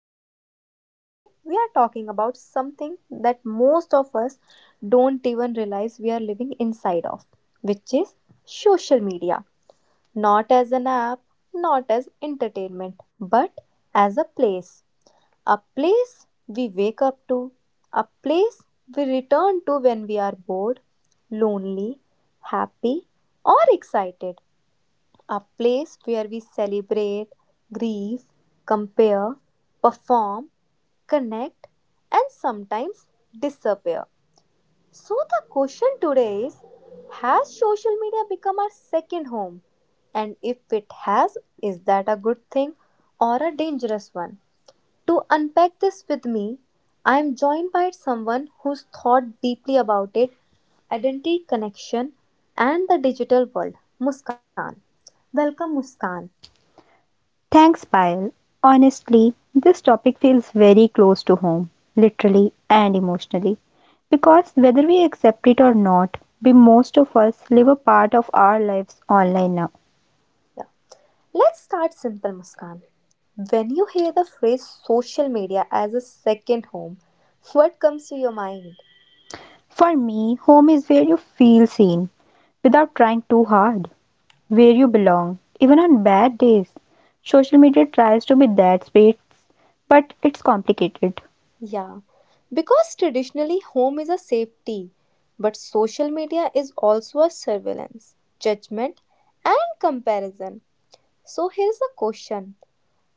podcast. Today, we are talking about something that most of us don't even realize we are living inside of, which is social media. Not as an app, not as entertainment, but as a place. A place we wake up to, a place we return to when we are bored, lonely, happy, or excited, a place where we celebrate, grieve, compare, perform, connect, and sometimes disappear. So, the question today is, has social media become our second home? And if it has, is that a good thing or a dangerous one? To unpack this with me, I am joined by someone who's thought deeply about it: identity, connection, and the digital world. Muskan. Welcome, Muskan. Thanks, Payal. Honestly, this topic feels very close to home, literally and emotionally, because whether we accept it or not, we most of us live a part of our lives online now. Let's start simple, Muskan. When you hear the phrase social media as a second home, what comes to your mind? For me, home is where you feel seen without trying too hard, where you belong, even on bad days. Social media tries to be that space, but it's complicated. Yeah, because traditionally home is a safety, but social media is also a surveillance, judgment, and comparison. So here's a question: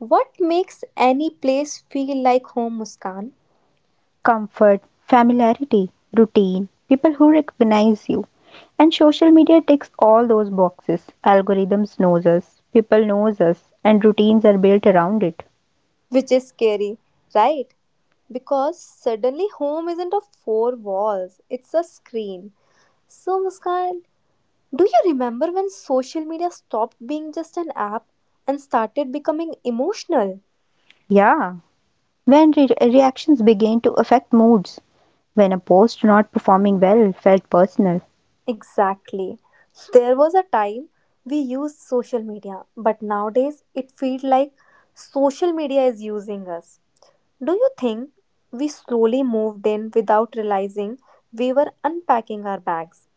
what makes any place feel like home, Muskan? Comfort, familiarity, routine, people who recognize you. And social media ticks all those boxes. Algorithms knows us, people knows us, and routines are built around it. Which is scary, right? Because suddenly home isn't a four walls, it's a screen. So, Muskan, do you remember when social media stopped being just an app and started becoming emotional? Yeah, when reactions begin to affect moods, when a post not performing well felt personal. Exactly. There was a time we used social media, but nowadays it feels like social media is using us. Do you think we slowly moved in without realizing we were unpacking our bags?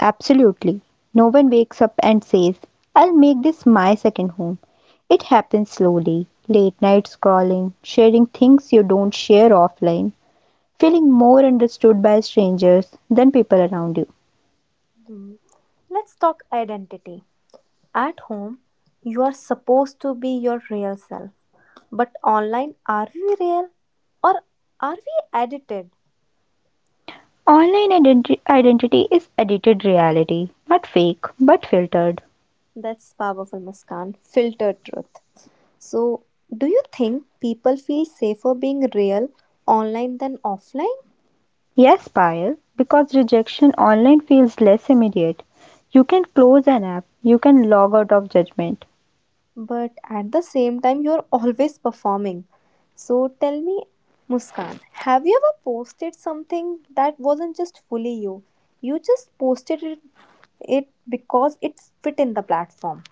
Absolutely. No one wakes up and says, I'll make this my second home. It happens slowly. Late night scrolling, sharing things you don't share offline, feeling more understood by strangers than people around you. Hmm. Let's talk identity. At home, you are supposed to be your real self. But online, are we real or are we edited? Online identity is edited reality, not fake, but filtered. That's powerful, Muskan. Filtered truth. So, do you think people feel safer being real online than offline? Yes, Payal, because rejection online feels less immediate. You can close an app, you can log out of judgment. But at the same time, you're always performing. So, tell me, Muskan, have you ever posted something that wasn't just fully you? You just posted it, it because it fit in the platform.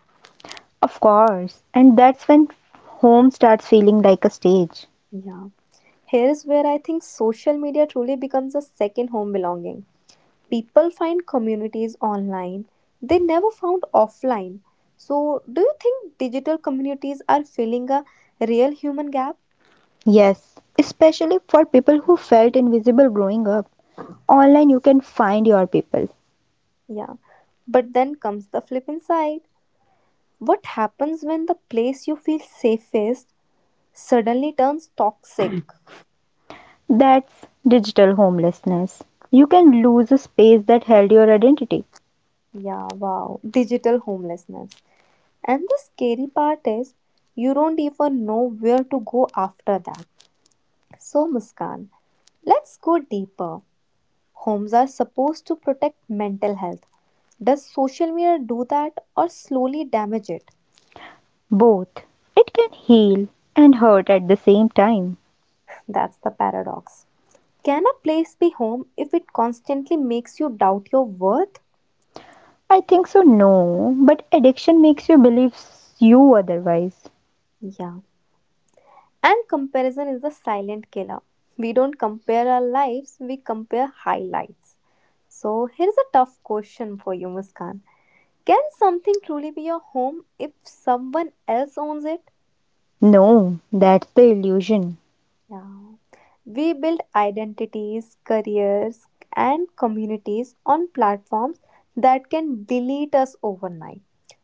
Of course, and that's when home starts feeling like a stage. Yeah. Here is where I think social media truly becomes a second home belonging. People find communities online they never found offline. So, do you think digital communities are filling a real human gap? Yes, especially for people who felt invisible growing up. Online, you can find your people. Yeah. But then comes the flip side. What happens when the place you feel safest suddenly turns toxic? That's digital homelessness. You can lose a space that held your identity. Yeah, wow. Digital homelessness. And the scary part is you don't even know where to go after that. So, Muskan, let's go deeper. Homes are supposed to protect mental health. Does social media do that or slowly damage it? Both. It can heal and hurt at the same time. That's the paradox. Can a place be home if it constantly makes you doubt your worth? I think so, no. But addiction makes you believe you otherwise. Yeah. And comparison is the silent killer. We don't compare our lives, we compare highlights. So, here's a tough question for you, Muskan. Can something truly be your home if someone else owns it? No, that's the illusion. Yeah. We build identities, careers, and communities on platforms that can delete us overnight.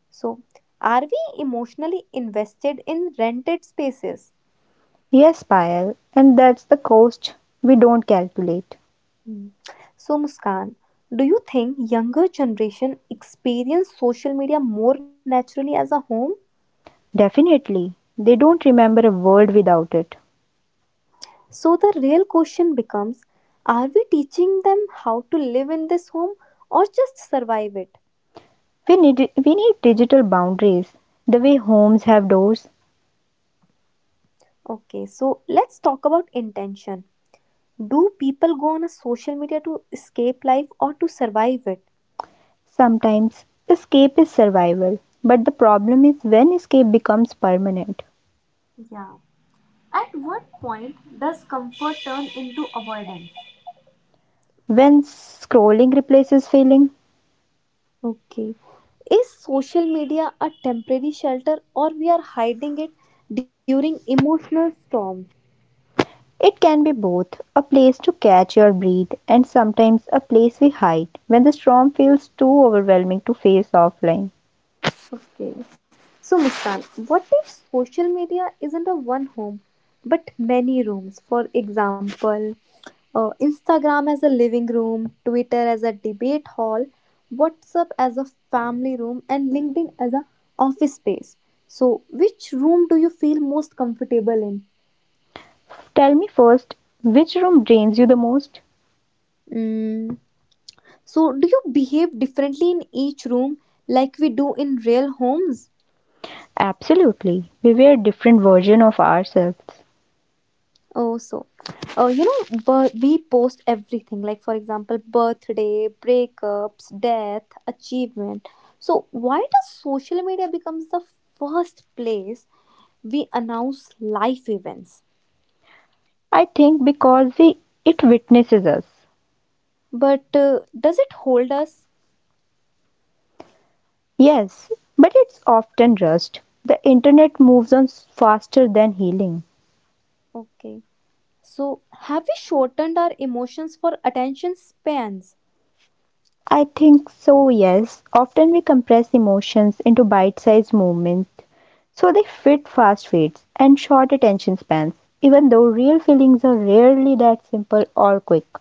So, are we emotionally invested in rented spaces? Yes, Payal, and that's the cost we don't calculate. Hmm. So, Muskan, do you think younger generation experience social media more naturally as a home? Definitely, they don't remember a world without it. So, the real question becomes, are we teaching them how to live in this home or just survive it? We need digital boundaries. The way homes have doors. Okay, so let's talk about intention. Do people go on a social media to escape life or to survive it? Sometimes, escape is survival, but the problem is when escape becomes permanent. Yeah. At what point does comfort turn into avoidance? When scrolling replaces feeling, Okay. Is social media a temporary shelter or we are hiding it during emotional storms? it can be both a place to catch your breath and sometimes a place we hide when the storm feels too overwhelming to face offline. Okay. So, Muskan, what if social media isn't a one home but many rooms? For example, Instagram as a living room, Twitter as a debate hall, WhatsApp as a family room, and LinkedIn as a office space. So, which room do you feel most comfortable in? Tell me first, which room drains you the most? Mm. So, do you behave differently in each room like we do in real homes? Absolutely, we were different versions of ourselves. Oh, so, you know, but we post everything like, for example, birthday, breakups, death, achievement. So, why does social media becomes the first place we announce life events? I think because we it witnesses us. But does it hold us? Yes, but it's often rust. The internet moves on faster than healing. Okay. So, have we shortened our emotions for attention spans? I think so, yes. Often we compress emotions into bite sized movements so they fit fast feeds and short attention spans, even though real feelings are rarely that simple or quick.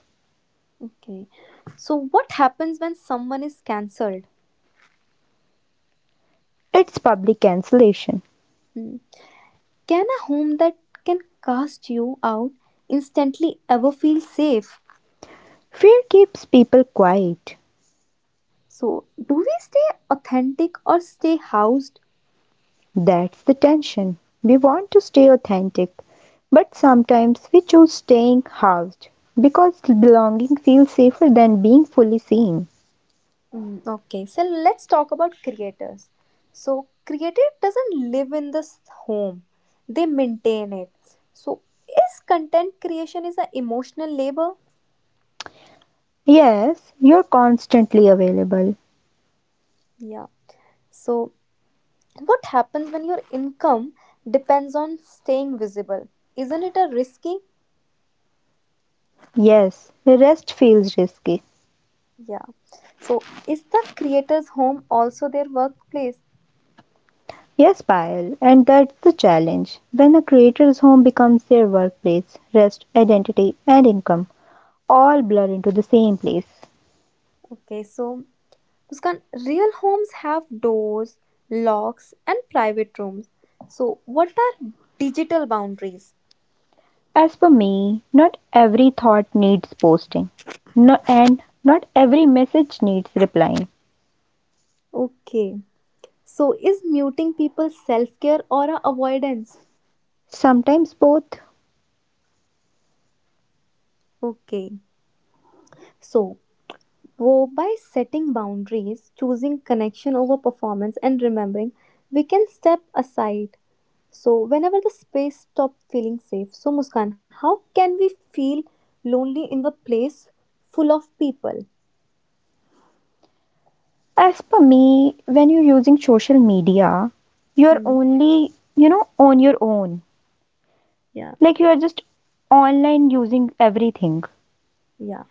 Okay. So, what happens when someone is cancelled? It's public cancellation. Hmm. Can a home that can cast you out instantly ever feel safe? Fear keeps people quiet. So, do we stay authentic or stay housed? That's the tension. We want to stay authentic, but sometimes we choose staying housed because belonging feels safer than being fully seen. Okay, so let's talk about creators. So, creator doesn't live in this home, they maintain it. So, is content creation is an emotional labor? Yes, you're constantly available. Yeah. So, what happens when your income depends on staying visible? Isn't it a risky? Yes, rest feels risky. Yeah. So, is the creator's home also their workplace? Yes, Payal, and that's the challenge. When a creator's home becomes their workplace, rest, identity, and income all blur into the same place. Okay, so Muskan, real homes have doors, locks, and private rooms. So, what are digital boundaries? As for me, not every thought needs posting no, and not every message needs replying. Okay. So, is muting people self care or a avoidance? Sometimes both. Okay. So, Wo by setting boundaries, choosing connection over performance, and remembering we can step aside. So, whenever the space stops feeling safe. So, Muskan, how can we feel lonely in the place full of people? As per me, when you're using social media, you're Hmm. only, you know, on your own. Yeah, Like you are just online using everything. yeah.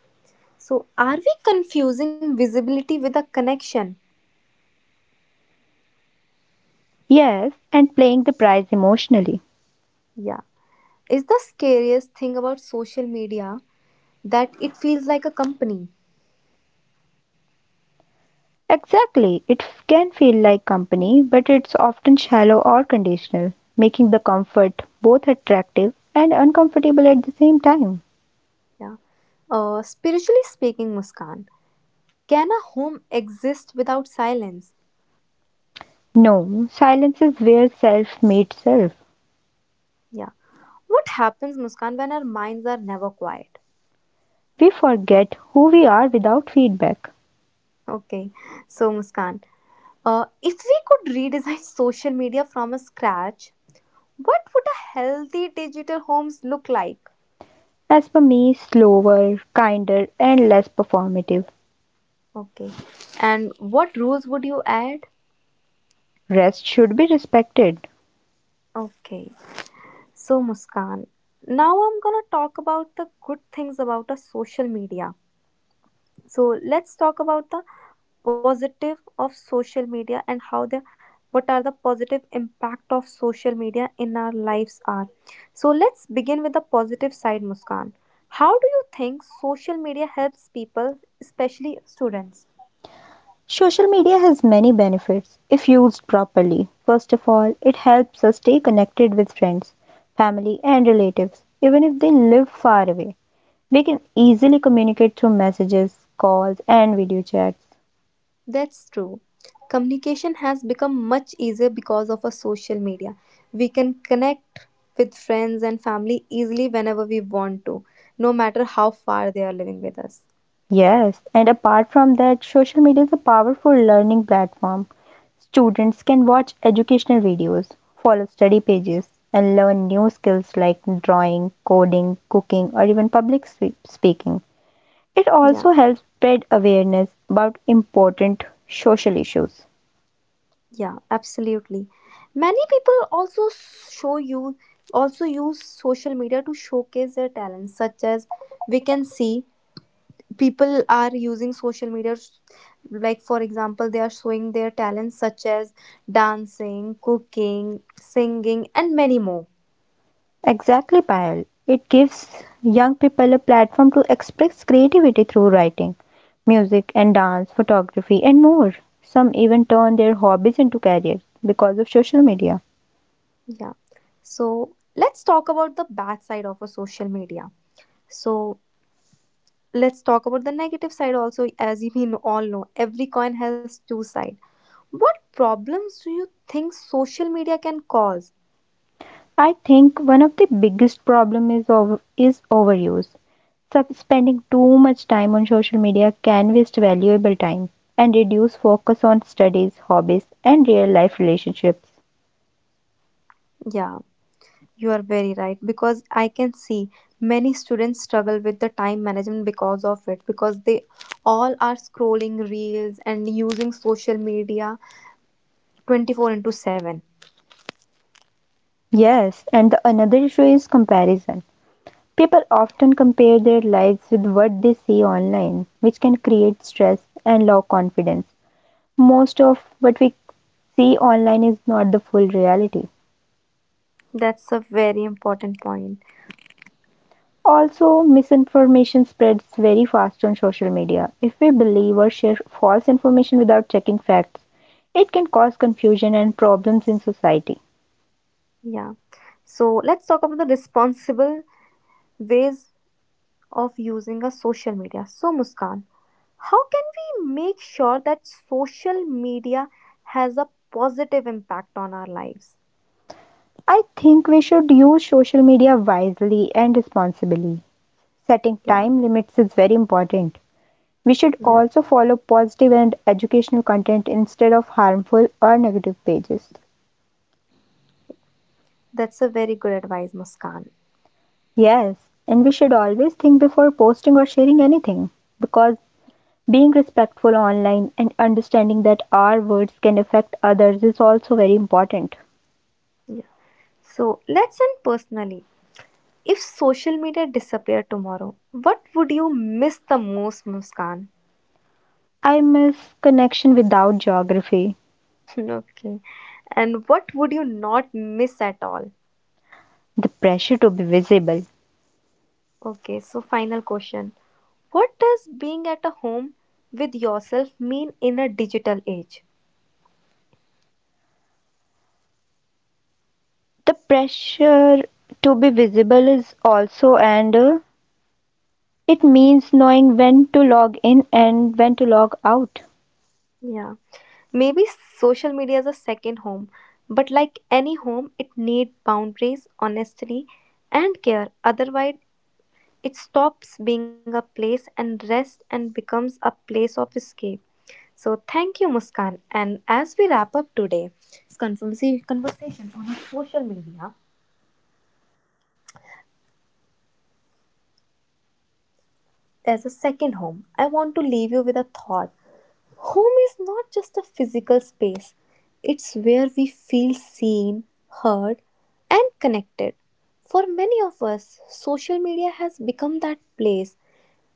So, are we confusing visibility with a connection? Yes, and playing the prize emotionally. Yeah. Is the scariest thing about social media that it feels like a company? Exactly. It can feel like company, but it's often shallow or conditional, making the comfort both attractive and uncomfortable at the same time. Yeah. Spiritually speaking, Muskan. Can a home exist without silence? No, silence is where self meets self. Yeah. What happens, Muskan, when our minds are never quiet? We forget who we are without feedback. Okay. So, Muskan, if we could redesign social media from a scratch, what would a healthy digital homes look like? As for me, slower, kinder, and less performative. Okay. And what rules would you add? Rest should be respected. Okay. So, Muskan, now I'm gonna talk about the good things about a social media. So, let's talk about the positive of social media and how the what are the positive impact of social media in our lives are, so let's begin with the positive side, Muskan. How do you think social media helps people, especially students? Social media has many benefits if used properly. First of all, it helps us stay connected with friends, family, and relatives, even if they live far away. We can easily communicate through messages, calls, and video chats. That's true, communication has become much easier because of a social media. We can connect with friends and family easily whenever we want to, no matter how far they are living with us. Yes, and apart from that, social media is a powerful learning platform. Students can watch educational videos, follow study pages, and learn new skills like drawing, coding, cooking, or even public speaking. It Yeah. also helps spread awareness about important social issues. Yeah, absolutely. Many people also show you also use social media to showcase their talents, such as, we can see people are using social media, like for example, they are showing their talents such as dancing, cooking, singing and many more. Exactly, Payal. It gives young people a platform to express creativity through writing, music and dance, photography and more. Some even turn their hobbies into careers because of social media. Yeah. So let's talk about the bad side of a social media. So let's talk about the negative side also, as all know, every coin has two sides. What problems do you think social media can cause? I think one of the biggest problem is overuse. Spending too much time on social media can waste valuable time and reduce focus on studies, hobbies and real life relationships. Yeah, you are very right because I can see many students struggle with the time management because of it, because they all are scrolling reels and using social media 24/7. Yes, and the another issue is comparison. People often compare their lives with what they see online, which can create stress and low confidence. Most of what we see online is not the full reality. That's a very important point. Also, misinformation spreads very fast on social media. If we believe or share false information without checking facts, it can cause confusion and problems in society. Yeah. So let's talk about the responsible ways of using a social media. So Muskan, how can we make sure that social media has a positive impact on our lives? I think we should use social media wisely and responsibly. Setting Yeah, time limits is very important. We should yeah. also follow positive and educational content instead of harmful or negative pages. That's a very good advice, Muskan. Yes, and we should always think before posting or sharing anything because being respectful online and understanding that our words can affect others is also very important. Yeah. So let's end personally. If social media disappeared tomorrow, what would you miss the most, Muskan? I miss connection without geography, Okay. And what would you not miss at all? the pressure to be visible. Okay, so final question. What does being at a home with yourself mean in a digital age? The pressure to be visible is also, and it means knowing when to log in and when to log out. Yeah. Maybe social media is a second home, but like any home, it needs boundaries, honesty, and care. Otherwise, it stops being a place and rest and becomes a place of escape. So thank you, Muskan. And as we wrap up today's conversation on our social media as a second home, I want to leave you with a thought. Home is not just a physical space, it's where we feel seen, heard, and connected. For many of us, social media has become that place.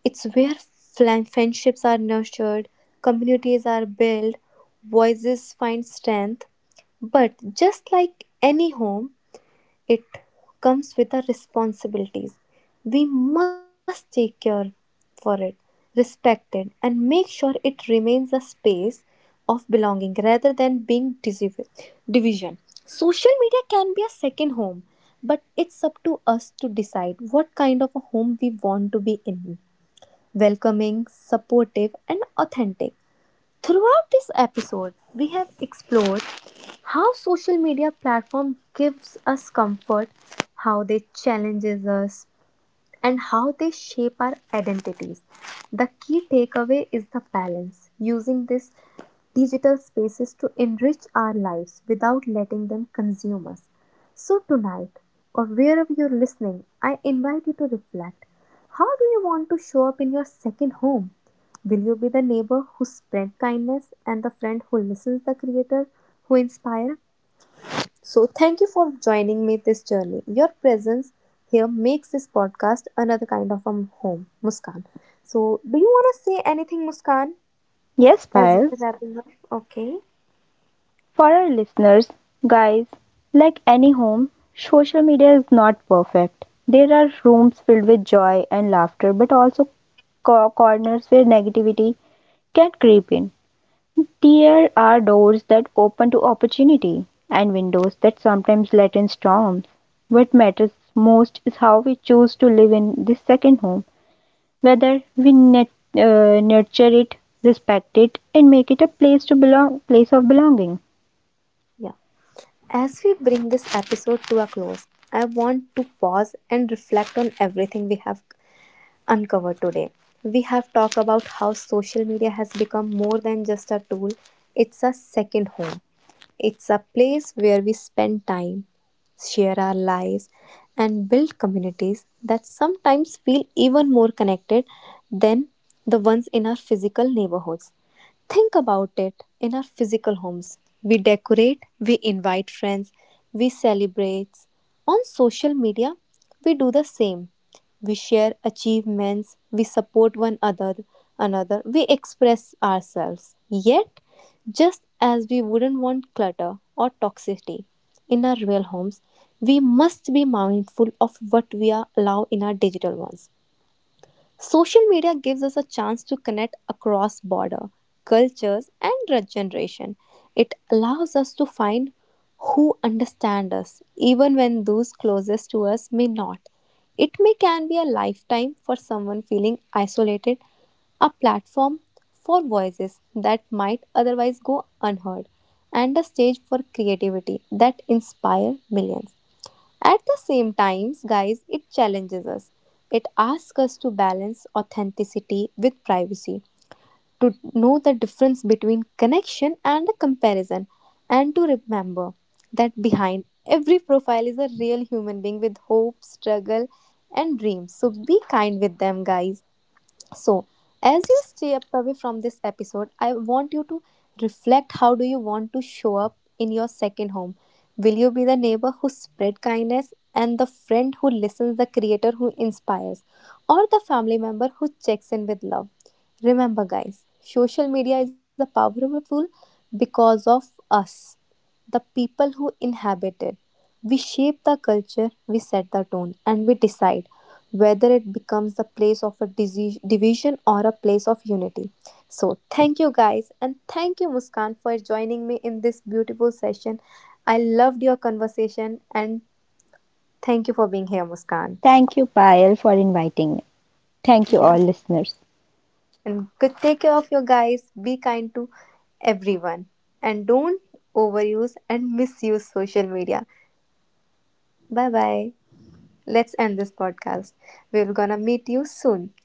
It's where friendships are nurtured, communities are built, voices find strength. But just like any home, it comes with our responsibilities. We must take care for it, respect it, and make sure it remains a space of belonging rather than being division. Social media can be a second home, but it's up to us to decide what kind of a home we want to be in: welcoming, supportive, and authentic. Throughout this episode, we have explored how social media platform gives us comfort, how they challenges us, and how they shape our identities. The key takeaway is the balance, using these digital spaces to enrich our lives without letting them consume us. So, tonight, or wherever you're listening, I invite you to reflect, how do you want to show up in your second home? Will you be the neighbor who spreads kindness and the friend who listens, the creator who inspires? So, thank you for joining me this journey. Your presence here makes this podcast another kind of a home, Muskan. So, do you want to say anything, Muskan, Yes, as Payal, we're wrapping up? Okay. for our listeners, guys, like any home, social media is not perfect. There are rooms filled with joy and laughter, but also corners where negativity can creep in. There are doors that open to opportunity and windows that sometimes let in storms. What matters most is how we choose to live in this second home, whether we nurture it, respect it, and make it a place to belong, place of belonging. Yeah. As we bring this episode to a close, I want to pause and reflect on everything we have uncovered today. We have talked about how social media has become more than just a tool, it's a second home. It's a place where we spend time, share our lives, and build communities that sometimes feel even more connected than the ones in our physical neighborhoods. Think about it, in our physical homes, we decorate, we invite friends, we celebrate. On social media, we do the same. We share achievements, we support another, we express ourselves. Yet, just as we wouldn't want clutter or toxicity in our real homes, we must be mindful of what we are allow in our digital ones. Social media gives us a chance to connect across border, cultures and generation. It allows us to find who understand us even when those closest to us may not. It may can be a lifetime for someone feeling isolated, a platform for voices that might otherwise go unheard, and a stage for creativity that inspire millions. At the same times, guys, it challenges us. It asks us to balance authenticity with privacy, to know the difference between connection and a comparison, and to remember that behind every profile is a real human being with hope, struggle, and dreams. So be kind with them, guys. So, as you step away from this episode, I want you to reflect, how do you want to show up in your second home? Will you be the neighbor who spread kindness and the friend who listens, the creator who inspires, or the family member who checks in with love? Remember guys, social media is a powerful tool because of us, the people who inhabit it. We shape the culture, we set the tone, and we decide whether it becomes the place of a division or a place of unity. So, thank you guys, and thank you, Muskan, for joining me in this beautiful session. I loved your conversation, and thank you for being here, Muskan. Thank you, Payal, for inviting me. Thank you, Yeah, all listeners. and good take care of your guys. Be kind to everyone, and don't overuse and misuse social media. Bye bye. Let's end this podcast. We're gonna meet you soon.